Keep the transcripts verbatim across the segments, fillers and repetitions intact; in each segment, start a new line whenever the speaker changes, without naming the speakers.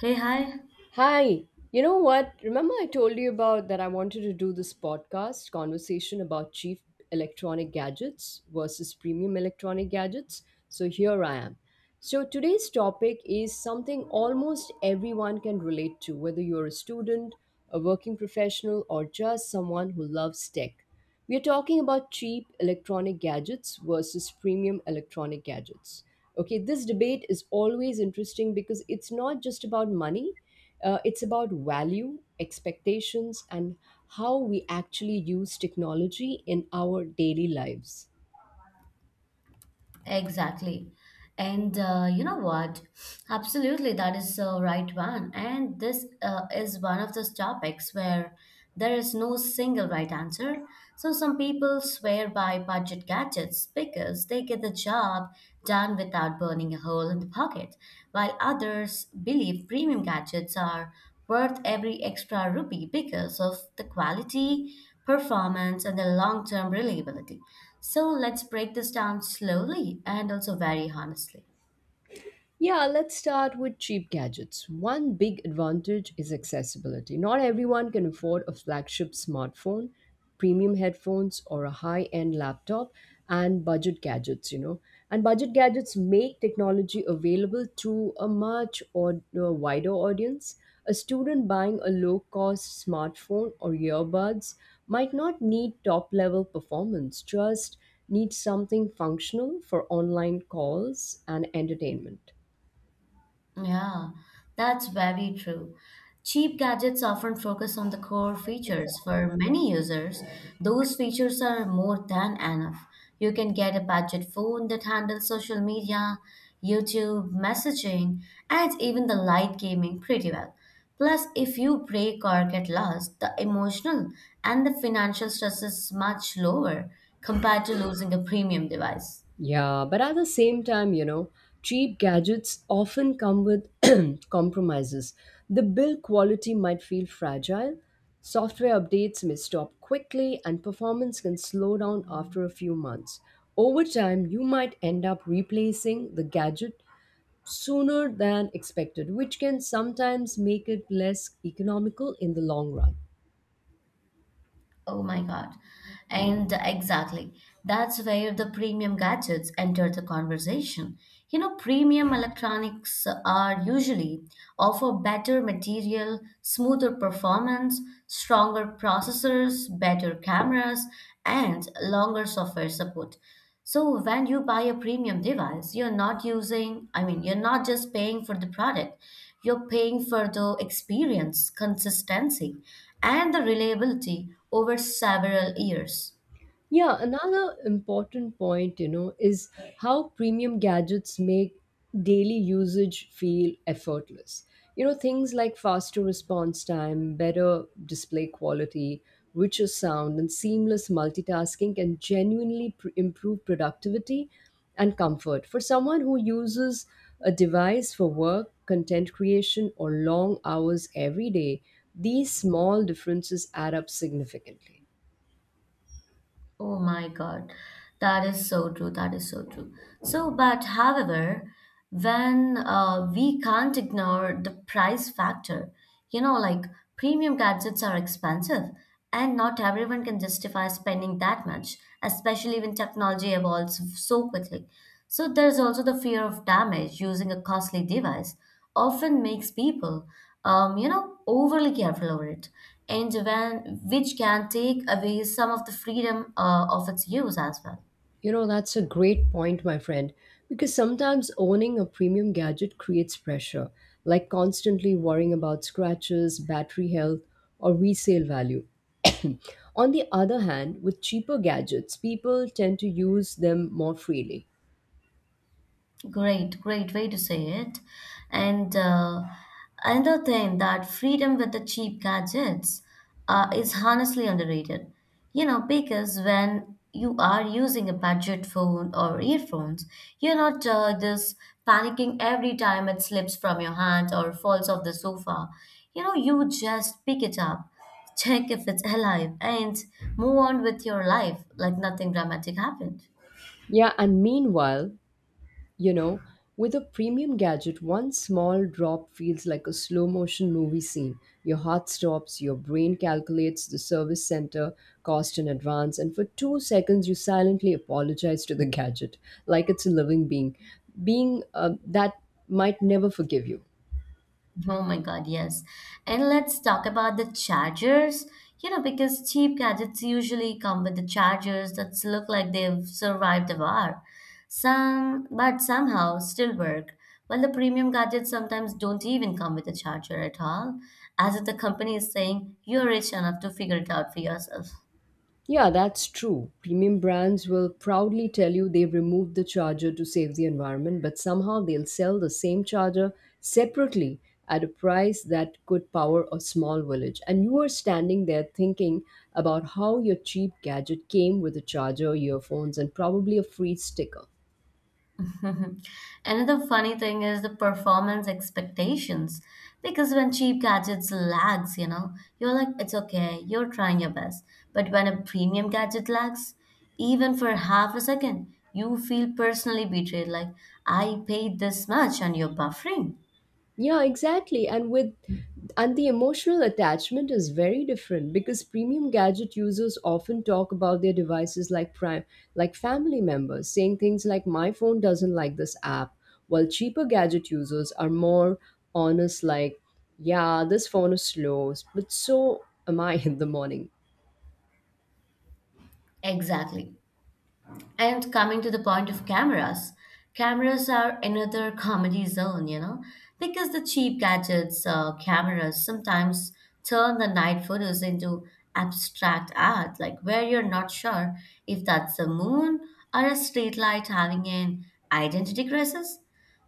Hey, hi.
Hi. You know what? Remember I told you about that I wanted to do this podcast conversation about cheap electronic gadgets versus premium electronic gadgets? So here I am. So today's topic is something almost everyone can relate to, whether you're a student, a working professional, or just someone who loves tech. We are talking about cheap electronic gadgets versus premium electronic gadgets. Okay, this debate is always interesting because it's not just about money, uh, it's about value, expectations, and how we actually use technology in our daily lives.
Exactly. And uh, you know what? Absolutely, that is the right one. And this uh, is one of those topics where there is no single right answer. So some people swear by budget gadgets because they get the job done without burning a hole in the pocket, while others believe premium gadgets are worth every extra rupee because of the quality, performance, and the long term reliability. So let's break this down slowly and also very honestly.
Yeah, let's start with cheap gadgets. One big advantage is accessibility. Not everyone can afford a flagship smartphone, premium headphones, or a high end laptop, and budget gadgets, you know. And budget gadgets make technology available to a much or, a wider audience. A student buying a low cost smartphone or earbuds might not need top level performance, just needs something functional for online calls and entertainment.
Yeah, that's very true. Cheap gadgets often focus on the core features. For many users, those features are more than enough. You can get a budget phone that handles social media, YouTube, messaging, and even the light gaming pretty well. Plus, if you break or get lost, the emotional and the financial stress is much lower compared to losing a premium device.
Yeah, but at the same time, you know, cheap gadgets often come with compromises. The build quality might feel fragile, software updates may stop quickly, and performance can slow down after a few months. Over time, you might end up replacing the gadget sooner than expected, which can sometimes make it less economical in the long run.
Oh my God. And exactly. That's where the premium gadgets enter the conversation. You know, premium electronics are usually offer better material, smoother performance, stronger processors, better cameras, and longer software support. So when you buy a premium device, you're not using, I mean, you're not just paying for the product. You're paying for the experience, consistency, and the reliability over several years.
Yeah, another important point, you know, is how premium gadgets make daily usage feel effortless. You know, things like faster response time, better display quality, richer sound, and seamless multitasking can genuinely pr- improve productivity and comfort. For someone who uses a device for work, content creation, or long hours every day, these small differences add up significantly.
Oh my God, that is so true. That is so true. So, but however, when uh, we can't ignore the price factor, you know, like premium gadgets are expensive and not everyone can justify spending that much, especially when technology evolves so quickly. So, there's also the fear of damage using a costly device often makes people, um, you know, overly careful over it, and when which can take away some of the freedom uh, of its use as well.
You know, that's a great point, my friend, because sometimes owning a premium gadget creates pressure, like constantly worrying about scratches, battery health, or resale value. On the other hand, with cheaper gadgets, people tend to use them more freely.
Great, great way to say it. And uh, Another thing that freedom with the cheap gadgets uh, is honestly underrated. You know, because when you are using a budget phone or earphones, you're not uh, this panicking every time it slips from your hand or falls off the sofa. You know, you just pick it up, check if it's alive, and move on with your life like nothing dramatic happened.
Yeah, and meanwhile, you know, with a premium gadget, one small drop feels like a slow motion movie scene. Your heart stops, your brain calculates the service center cost in advance, and for two seconds, you silently apologize to the gadget like it's a living being, being uh, that might never forgive you.
Oh my God, yes. And let's talk about the chargers. You know, because cheap gadgets usually come with the chargers that look like they've survived the war. Some, but somehow still work. While the premium gadgets sometimes don't even come with a charger at all, as if the company is saying, you're rich enough to figure it out for yourself.
Yeah, that's true. Premium brands will proudly tell you they've removed the charger to save the environment, but somehow they'll sell the same charger separately at a price that could power a small village. And you are standing there thinking about how your cheap gadget came with a charger, earphones, and probably a free sticker.
Mhm. Another funny thing is the performance expectations. Because when cheap gadgets lags, you know, you're like, it's okay, you're trying your best. But when a premium gadget lags, even for half a second, you feel personally betrayed, like, I paid this much and you're buffering.
Yeah, exactly. And with and the emotional attachment is very different because premium gadget users often talk about their devices like prime like family members, saying things like my phone doesn't like this app, while cheaper gadget users are more honest like, yeah, this phone is slow, but so am I in the morning.
Exactly. And coming to the point of cameras, cameras are another comedy zone, you know, because the cheap gadgets, uh, cameras sometimes turn the night photos into abstract art, like where you're not sure if that's the moon or a streetlight having an identity crisis.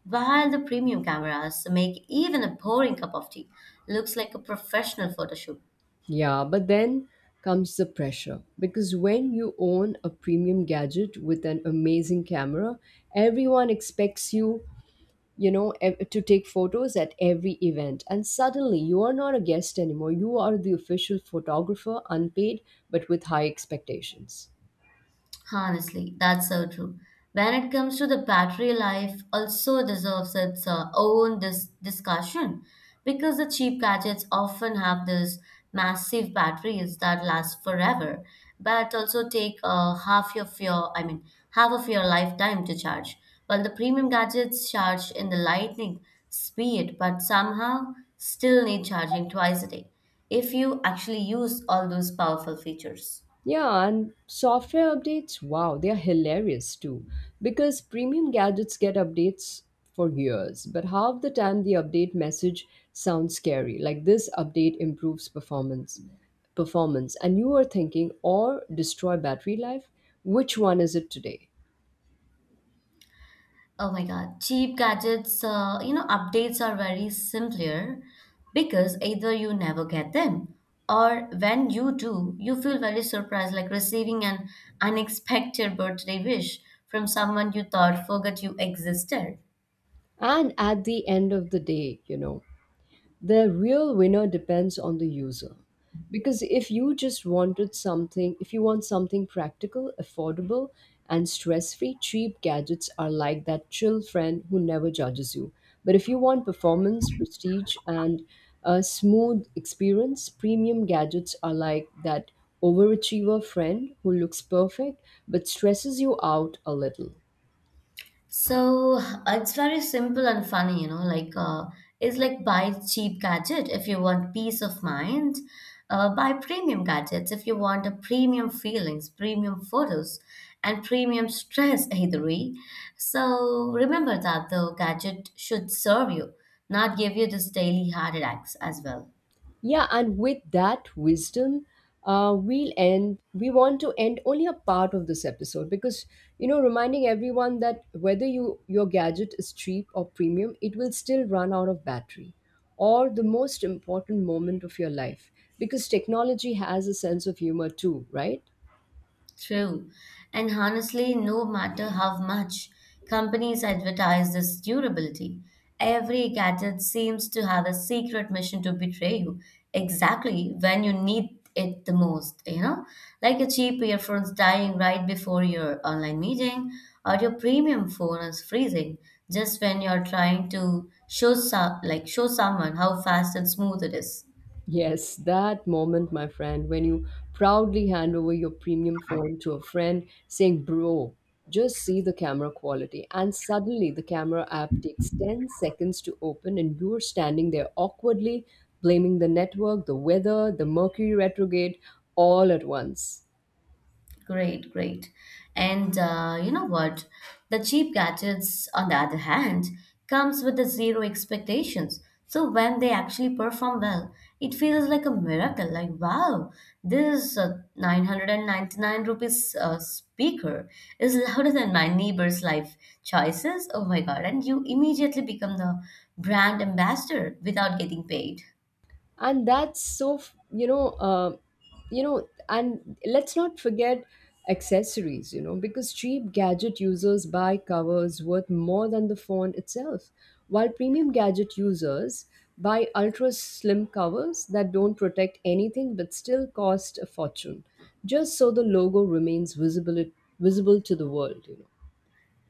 While the premium cameras make even a boring cup of tea looks like a professional photo shoot.
Yeah, but then comes the pressure because when you own a premium gadget with an amazing camera, everyone expects you you know ev- to take photos at every event, and suddenly you are not a guest anymore. You are the official photographer, unpaid but with high expectations.
Honestly, that's so true. When it comes to the battery life, also deserves its uh, own dis- discussion because the cheap gadgets often have these massive batteries that last forever, but also take uh, half of your, I mean, half of your lifetime to charge. While the premium gadgets charge in the lightning speed, but somehow still need charging twice a day if you actually use all those powerful features.
Yeah, and software updates, wow, they are hilarious too, because premium gadgets get updates for years, but half the time the update message sounds scary, like this update improves performance performance, and you are thinking, or destroy battery life? Which one is it today?
Oh my God, cheap gadgets, uh, you know, updates are very simpler because either you never get them or when you do, you feel very surprised, like receiving an unexpected birthday wish from someone you thought forgot you existed.
And at the end of the day, you know, the real winner depends on the user. Because if you just wanted something, if you want something practical, affordable, and stress free, cheap gadgets are like that chill friend who never judges you. But if you want performance, prestige, and a smooth experience, premium gadgets are like that overachiever friend who looks perfect but stresses you out a little.
So it's very simple and funny, you know, like uh, it's like buy cheap gadget if you want peace of mind, uh, buy premium gadgets if you want a premium feelings, premium photos, and premium stress either. So remember that the gadget should serve you, not give you this daily heart attacks as well.
Yeah, and with that wisdom, uh, we'll end. We want to end only a part of this episode because, you know, reminding everyone that whether you your gadget is cheap or premium, it will still run out of battery, or the most important moment of your life. Because technology has a sense of humor too, right?
True. And honestly, no matter how much companies advertise this durability, every gadget seems to have a secret mission to betray you exactly when you need it the most, you know? Like your cheap earphones dying right before your online meeting, or your premium phone is freezing just when you're trying to show some, like show someone how fast and smooth it is.
Yes, that moment, my friend, when you proudly hand over your premium phone to a friend saying, Bro, just see the camera quality. And suddenly the camera app takes ten seconds to open, and you're standing there awkwardly, blaming the network, the weather, the Mercury retrograde all at once.
Great, great. And uh, you know what? The cheap gadgets, on the other hand, comes with the zero expectations. So when they actually perform well, it feels like a miracle. Like wow, this uh, nine hundred ninety-nine rupees uh, speaker is louder than my neighbor's life choices. Oh my god! And you immediately become the brand ambassador without getting paid.
And that's so f- you know uh, you know and let's not forget accessories, you know, because cheap gadget users buy covers worth more than the phone itself, while premium gadget users buy ultra slim covers that don't protect anything but still cost a fortune, just so the logo remains visible visible to the world, you know.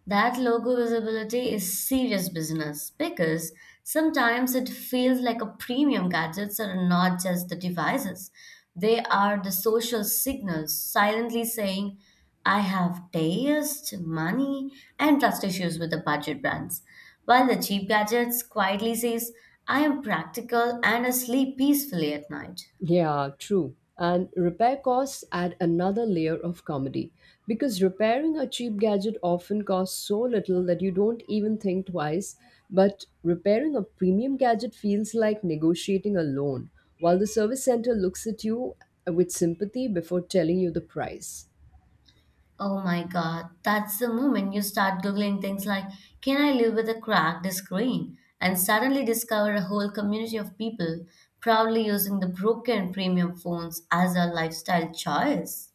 That logo visibility is serious business because sometimes it feels like a premium gadgets are not just the devices. They are the social signals silently saying, I have taste, money, and trust issues with the budget brands. While the cheap gadgets quietly says, I am practical and I sleep peacefully at night.
Yeah, true. And repair costs add another layer of comedy because repairing a cheap gadget often costs so little that you don't even think twice. But repairing a premium gadget feels like negotiating a loan, while the service center looks at you with sympathy before telling you the price.
Oh my God, that's the moment you start Googling things like, can I live with a cracked screen? And suddenly discover a whole community of people proudly using the broken premium phones as a lifestyle choice.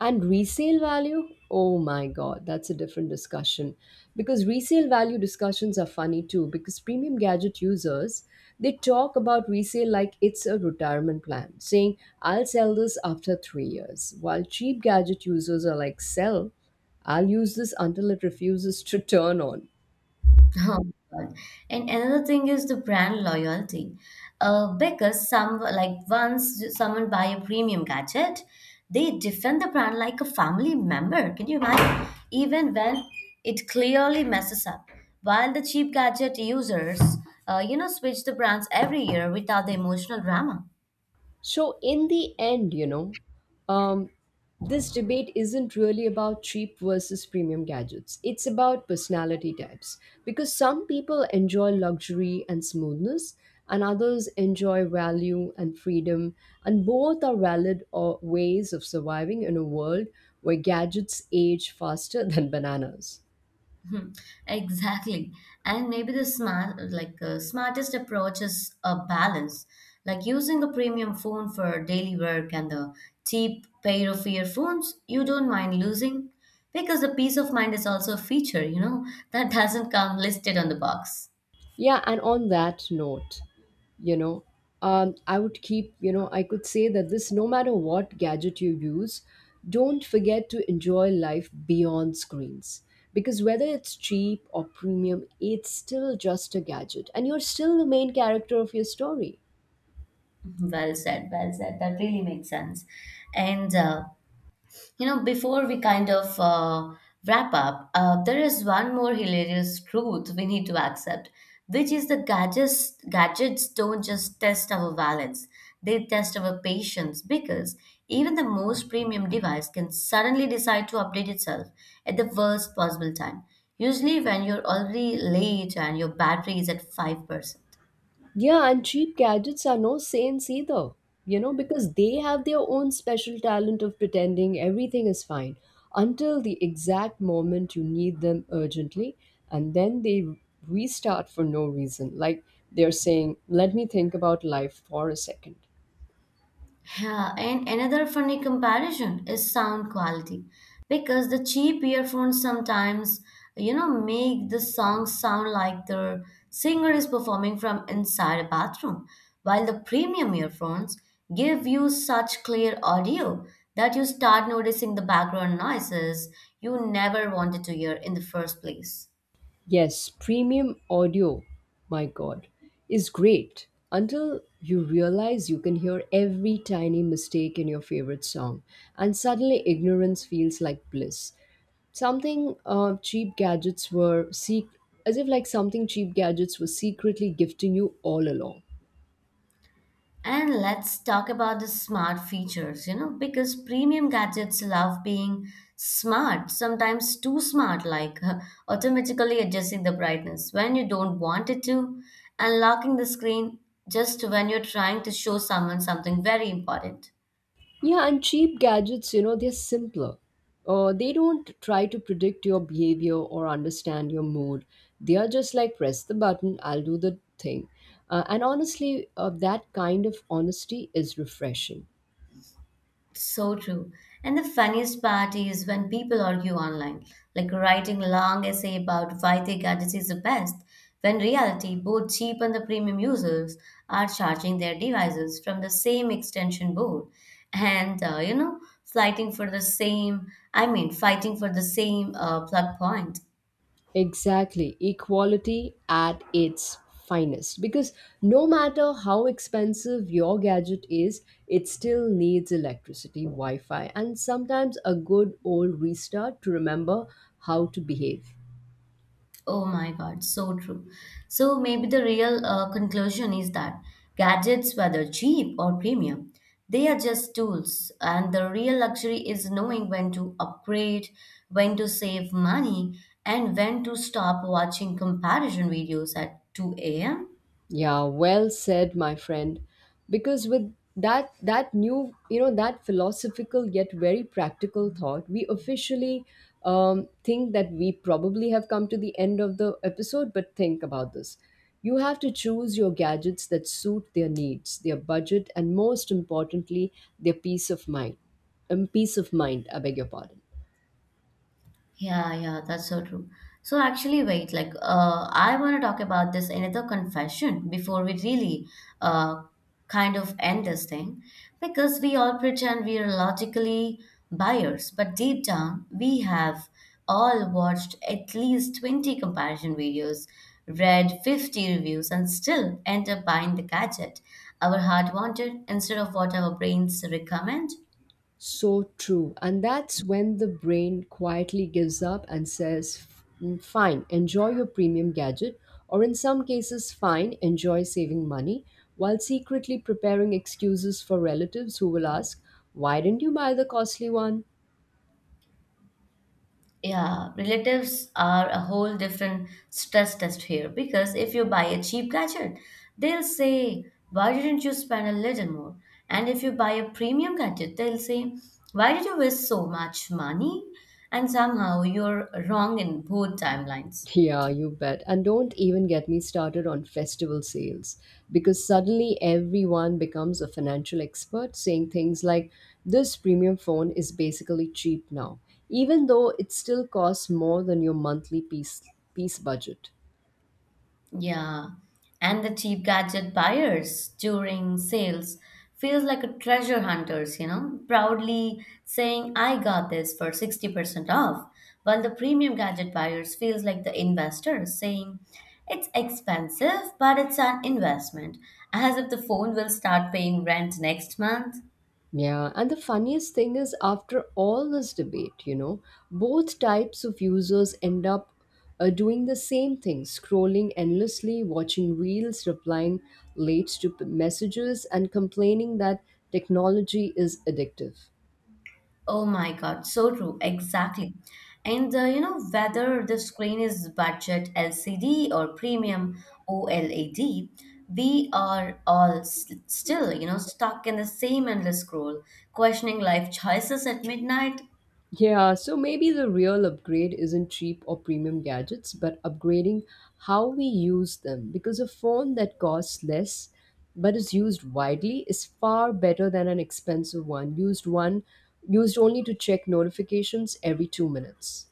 And resale value? Oh my god, that's a different discussion. Because resale value discussions are funny too, because premium gadget users, they talk about resale like it's a retirement plan, saying, I'll sell this after three years. While cheap gadget users are like, sell, I'll use this until it refuses to turn on.
Oh, God. And another thing is the brand loyalty. Uh, because some like once someone buy a premium gadget, they defend the brand like a family member. Can you imagine? Even when it clearly messes up, while the cheap gadget users, uh, you know, switch the brands every year without the emotional drama.
So, in the end, you know, um, this debate isn't really about cheap versus premium gadgets. It's about personality types. Because some people enjoy luxury and smoothness, and others enjoy value and freedom. And both are valid uh, ways of surviving in a world where gadgets age faster than bananas.
Hmm, exactly. And maybe the smart, like uh, smartest approach is a balance, like using a premium phone for daily work and the cheap pair of earphones you don't mind losing because the peace of mind is also a feature, you know, that doesn't come listed on the box.
Yeah, and on that note, you know, um, I would keep, you know, I could say that this no matter what gadget you use, don't forget to enjoy life beyond screens. Because whether it's cheap or premium, it's still just a gadget, and you're still the main character of your story.
Well said, well said. That really makes sense. And uh, You know, before we kind of uh, wrap up, uh, there is one more hilarious truth we need to accept, which is the gadgets gadgets don't just test our balance; they test our patience because even the most premium device can suddenly decide to update itself at the worst possible time. Usually, when you're already late and your battery is at five percent.
Yeah, and cheap gadgets are no saints either, you know, because they have their own special talent of pretending everything is fine until the exact moment you need them urgently, and then they restart for no reason. Like they're saying, let me think about life for a second.
Yeah, and another funny comparison is sound quality because the cheap earphones sometimes, you know, make the song sound like the singer is performing from inside a bathroom, while the premium earphones give you such clear audio that you start noticing the background noises you never wanted to hear in the first place.
Yes, premium audio, my God, is great until you realize you can hear every tiny mistake in your favorite song, and suddenly ignorance feels like bliss. Something uh, cheap gadgets were sec- as if like something cheap gadgets were secretly gifting you all along.
And let's talk about the smart features, you know, because premium gadgets love being smart, sometimes too smart, like uh, automatically adjusting the brightness when you don't want it to, and locking the screen just when you're trying to show someone something very important.
Yeah, and cheap gadgets, you know, they're simpler. Uh, they don't try to predict your behavior or understand your mood. They are just like, press the button, I'll do the thing. Uh, and honestly, uh, that kind of honesty is refreshing.
So true. And the funniest part is when people argue online, like writing long essay about why their gadget is the best, when reality, both cheap and the premium users are charging their devices from the same extension board, and uh, you know, fighting for the same. I mean, fighting for the same uh, plug point.
Exactly. Equality at its finest. Because no matter how expensive your gadget is, it still needs electricity, Wi Fi, and sometimes a good old restart to remember how to behave.
Oh my God, so true. So maybe the real uh, conclusion is that gadgets, whether cheap or premium, they are just tools, and the real luxury is knowing when to upgrade, when to save money, and when to stop watching comparison videos at two a m.
Yeah, well said, my friend. Because with that that new, you know, that philosophical yet very practical thought, we officially um, think that we probably have come to the end of the episode. But think about this: you have to choose your gadgets that suit their needs, their budget, and most importantly, their peace of mind. Um, peace of mind. I beg your pardon.
Yeah, yeah, that's so true. So actually, wait, like uh, I want to talk about this another confession before we really uh, kind of end this thing because we all pretend we are logically buyers, but deep down we have all watched at least twenty comparison videos, read fifty reviews, and still end up buying the gadget our heart wanted instead of what our brains recommend.
So true. And that's when the brain quietly gives up and says, "Mm, fine, enjoy your premium gadget, or in some cases, fine, enjoy saving money, while secretly preparing excuses for relatives who will ask, why didn't you buy the costly one?
Yeah, relatives are a whole different stress test here because if you buy a cheap gadget, they'll say, why didn't you spend a little more? And if you buy a premium gadget, they'll say, why did you waste so much money? And somehow you're wrong in both timelines.
Yeah, you bet. And don't even get me started on festival sales, because suddenly everyone becomes a financial expert saying things like this premium phone is basically cheap now, even though it still costs more than your monthly piece piece budget.
Yeah, and the cheap gadget buyers during sales feels like a treasure hunters, you know, proudly saying, I got this for sixty percent off, while the premium gadget buyers feels like the investors saying, it's expensive, but it's an investment, as if the phone will start paying rent next month.
Yeah, and the funniest thing is, after all this debate, you know, both types of users end up uh, doing the same thing, scrolling endlessly, watching reels, replying late to p- messages, and complaining that technology is addictive.
Oh my God, so true, exactly. And uh, You know, whether the screen is budget L C D or premium O L E D, we are all s- still, you know, stuck in the same endless scroll, questioning life choices at midnight
Yeah, so maybe the real upgrade isn't cheap or premium gadgets, but upgrading how we use them. Because a phone that costs less but is used widely is far better than an expensive one used one used only to check notifications every two minutes.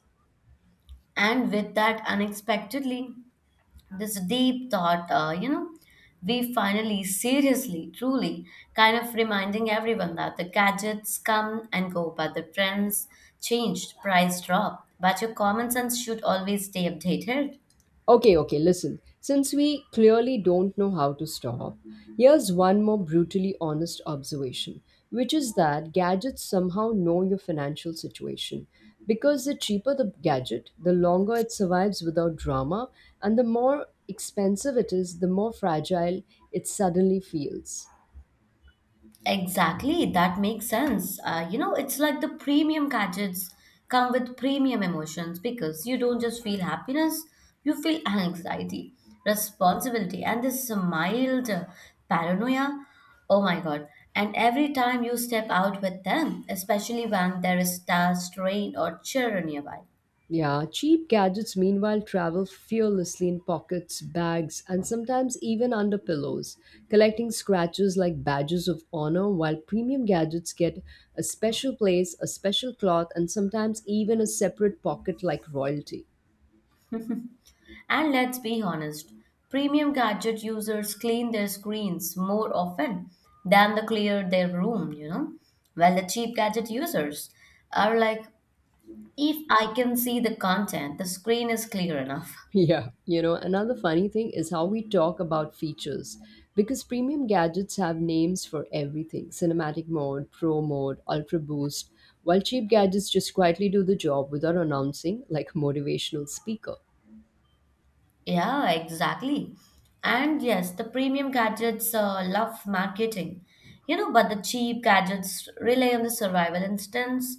and with that unexpectedly. This deep thought, uh, you know, we finally, seriously, truly, kind of reminding everyone that the gadgets come and go, but the trends changed, price drop, but your common sense should always stay updated.
Okay, okay, listen. Since we clearly don't know how to stop, here's one more brutally honest observation, which is that gadgets somehow know your financial situation. Because the cheaper the gadget, the longer it survives without drama, and the more expensive it is, the more fragile it suddenly feels.
Exactly, that makes sense. Uh, you know, it's like the premium gadgets come with premium emotions because you don't just feel happiness, you feel anxiety, responsibility, and this mild paranoia. Oh my God. And every time you step out with them, especially when there is staff, rain, or children nearby.
Yeah, cheap gadgets meanwhile travel fearlessly in pockets, bags, and sometimes even under pillows, collecting scratches like badges of honor, while premium gadgets get a special place, a special cloth, and sometimes even a separate pocket like royalty.
And let's be honest, premium gadget users clean their screens more often than they clear their room, you know? While the cheap gadget users are like, if I can see the content, the screen is clear enough.
Yeah, you know, another funny thing is how we talk about features, because premium gadgets have names for everything: cinematic mode, pro mode, ultra boost, while cheap gadgets just quietly do the job without announcing like motivational speaker.
Yeah, exactly. And yes, the premium gadgets uh, love marketing, you know, but the cheap gadgets rely on the survival instincts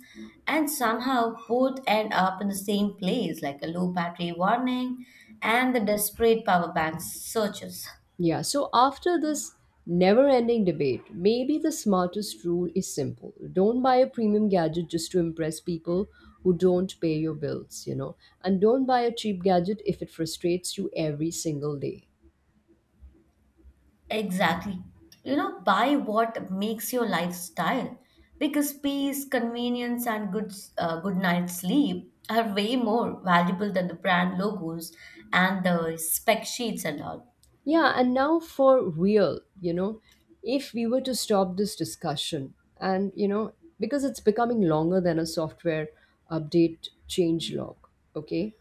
and somehow both end up in the same place, like a low battery warning and the desperate power bank searches.
Yeah, so after this never ending debate, maybe the smartest rule is simple: don't buy a premium gadget just to impress people who don't pay your bills, you know, and don't buy a cheap gadget if it frustrates you every single day.
Exactly. You know, buy what makes your lifestyle because peace, convenience, and good uh, good night's sleep are way more valuable than the brand logos and the spec sheets and all.
Yeah, and now for real, you know, if we were to stop this discussion, and you know, because it's becoming longer than a software update change log, okay?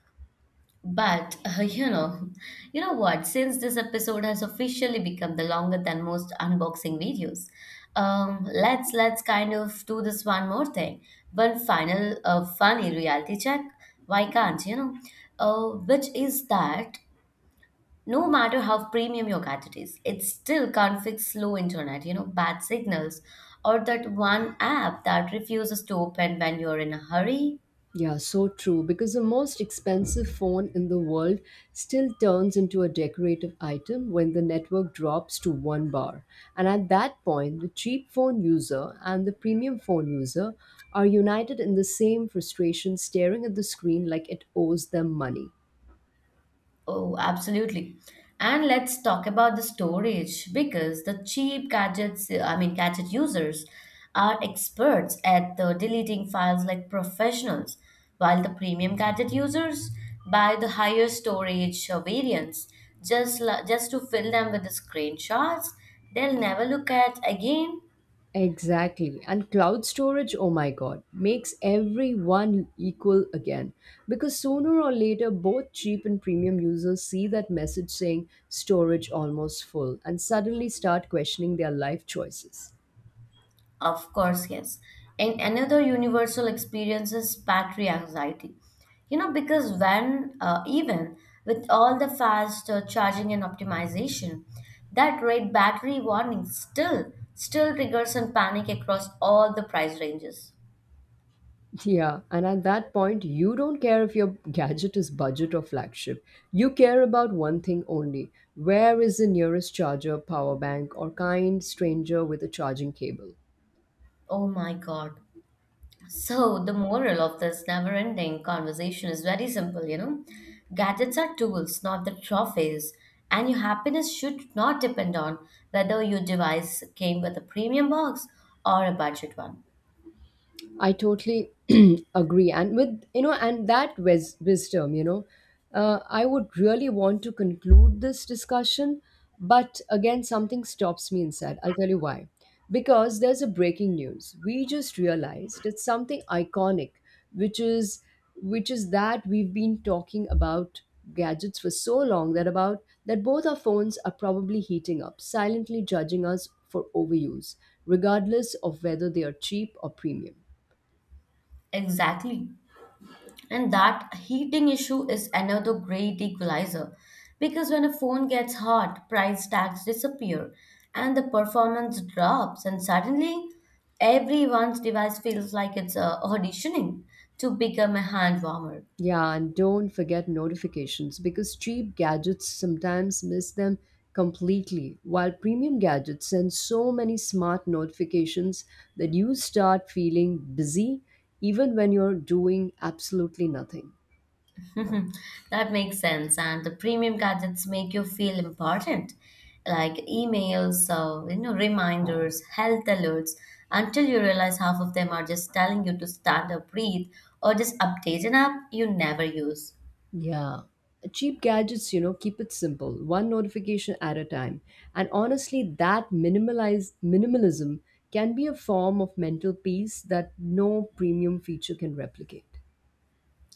But uh, you know, you know what? Since this episode has officially become the longer than most unboxing videos, um, let's let's kind of do this one more thing, one final uh, funny reality check. Why can't you know? Uh, which is that no matter how premium your gadget is, it still can't fix slow internet, you know, bad signals, or that one app that refuses to open when you're in a hurry.
Yeah, so true. Because the most expensive phone in the world still turns into a decorative item when the network drops to one bar. And at that point, the cheap phone user and the premium phone user are united in the same frustration, staring at the screen like it owes them money.
Oh, absolutely. And let's talk about the storage because the cheap gadgets, I mean, gadget users are experts at the deleting files like professionals, while the premium gadget users buy the higher storage uh, variants just la- just to fill them with the screenshots they'll never look at again.
Exactly. And cloud storage, oh my god, makes everyone equal again. Because sooner or later, both cheap and premium users see that message saying storage almost full and suddenly start questioning their life choices.
Of course, yes. And another universal experience is battery anxiety. You know, because when, uh, even with all the fast uh, charging and optimization, that red battery warning still still triggers and panic across all the price ranges.
Yeah, and at that point, you don't care if your gadget is budget or flagship. You care about one thing only: where is the nearest charger, power bank, or kind stranger with a charging cable?
Oh my God. So, the moral of this never ending conversation is very simple, you know. Gadgets are tools, not the trophies. And your happiness should not depend on whether your device came with a premium box or a budget one.
I totally agree. And with, you know, and that wis- wisdom, you know, uh, I would really want to conclude this discussion. But again, something stops me inside. I'll tell you why. Because there's a breaking news. We just realized it's something iconic, which is which is that we've been talking about gadgets for so long that about that both our phones are probably heating up, silently judging us for overuse, regardless of whether they are cheap or premium.
Exactly. And that heating issue is another great equalizer because when a phone gets hot, price tags disappear and the performance drops, and suddenly everyone's device feels like it's uh, auditioning to become a hand warmer.
Yeah, and don't forget notifications, because cheap gadgets sometimes miss them completely, while premium gadgets send so many smart notifications that you start feeling busy even when you're doing absolutely nothing.
That makes sense. And the premium gadgets make you feel important, like emails, uh, you know, reminders, health alerts, until you realize half of them are just telling you to stand up, breathe, or just update an app you never use.
Yeah. Cheap gadgets, you know, keep it simple, one notification at a time. And honestly, that minimalize minimalism can be a form of mental peace that no premium feature can replicate.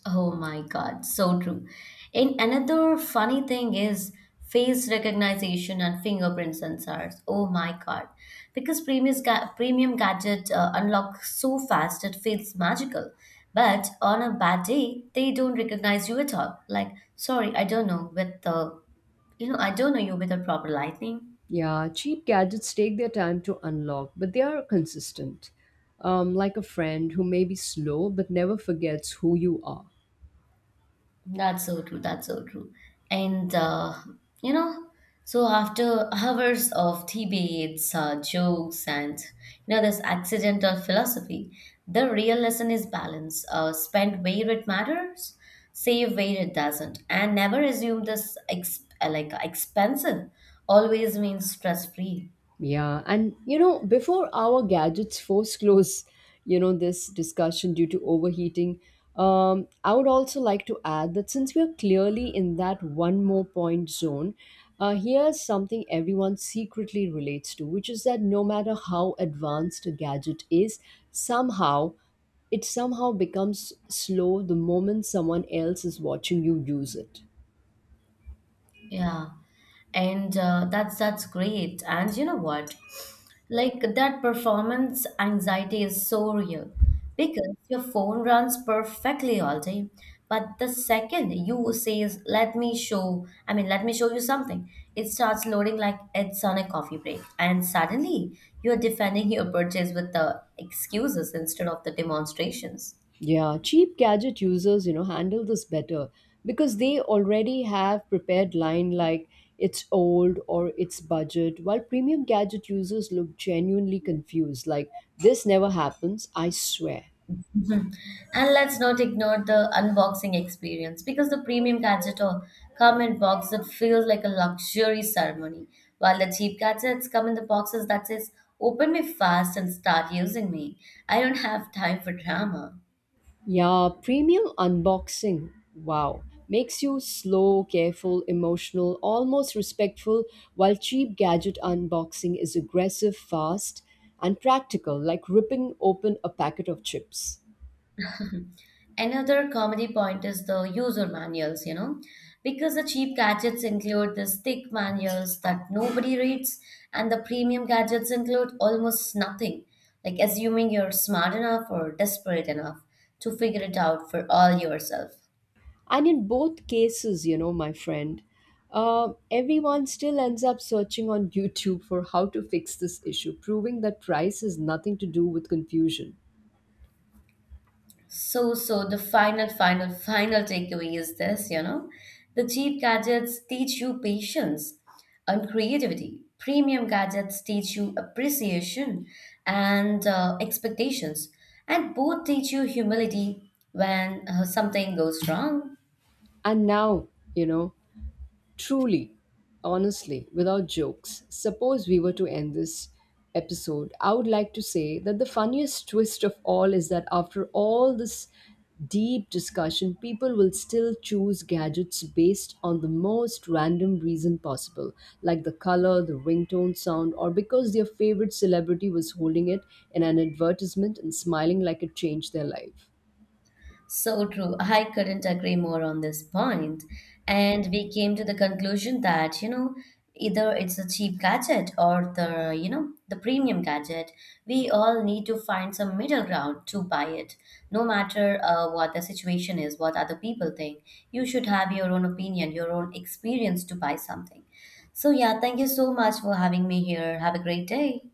Oh my God, so true. And another funny thing is face recognition and fingerprint sensors. Oh my God, because premium ga- premium gadget uh, unlock so fast it feels magical. But on a bad day, they don't recognize you at all. Like, sorry, I don't know with the, you know, I don't know you with the proper lighting.
Yeah, cheap gadgets take their time to unlock, but they are consistent. Um, like a friend who may be slow but never forgets who you are.
That's so true. That's so true. And uh, you know, so after hours of debates, uh, jokes, and you know this accidental philosophy, the real lesson is balance. Uh, spend where it matters, save where it doesn't, and never assume this ex- uh, like expensive always means stress free.
Yeah, and you know, before our gadgets force close, you know, this discussion due to overheating, um, I would also like to add that since we're clearly in that one more point zone, uh, here's something everyone secretly relates to, which is that no matter how advanced a gadget is, somehow it somehow becomes slow the moment someone else is watching you use it.
Yeah, and uh, that's that's great. And you know what? Like that performance anxiety is so real because your phone runs perfectly all day, but the second you says, "Let me show," I mean, "Let me show you something," it starts loading like it's on a coffee break, and suddenly you're defending your purchase with the excuses instead of the demonstrations.
Yeah, cheap gadget users, you know, handle this better because they already have prepared line like it's old or it's budget, while premium gadget users look genuinely confused like this never happens, I swear.
Mhm. And let's not ignore the unboxing experience because the premium gadget or come in box that feels like a luxury ceremony, while the cheap gadgets come in the boxes that says, "Open me fast and start using me. I don't have time for drama."
Yeah, premium unboxing. Wow. Makes you slow, careful, emotional, almost respectful, while cheap gadget unboxing is aggressive, fast, and practical, like ripping open a packet of chips.
Another comedy point is the user manuals, you know, because the cheap gadgets include these thick manuals that nobody reads, and the premium gadgets include almost nothing, like assuming you're smart enough or desperate enough to figure it out for all yourself.
And in both cases, you know, my friend, uh, everyone still ends up searching on YouTube for how to fix this issue, proving that price has nothing to do with confusion.
So, so the final, final, final takeaway is this, you know, the cheap gadgets teach you patience and creativity. Premium gadgets teach you appreciation and uh, expectations, and both teach you humility when uh, something goes wrong.
And now, you know, truly, honestly, without jokes, suppose we were to end this episode, I would like to say that the funniest twist of all is that after all this deep discussion, people will still choose gadgets based on the most random reason possible, like the color, the ringtone sound, or because their favorite celebrity was holding it in an advertisement and smiling like it changed their life.
So true. I couldn't agree more on this point. And we came to the conclusion that, you know, either it's a cheap gadget or the, you know, the premium gadget. We all need to find some middle ground to buy it, no matter uh, what the situation is, what other people think. You should have your own opinion, your own experience to buy something. So, yeah, thank you so much for having me here. Have a great day.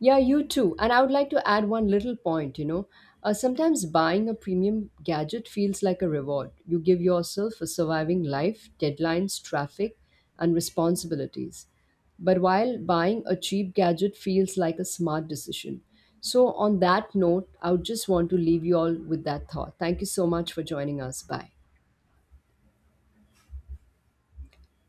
Yeah, you too. And I would like to add one little point, you know. Uh, sometimes buying a premium gadget feels like a reward. You give yourself for surviving life, deadlines, traffic, and responsibilities. But while buying a cheap gadget feels like a smart decision. So, on that note, I would just want to leave you all with that thought. Thank you so much for joining us. Bye.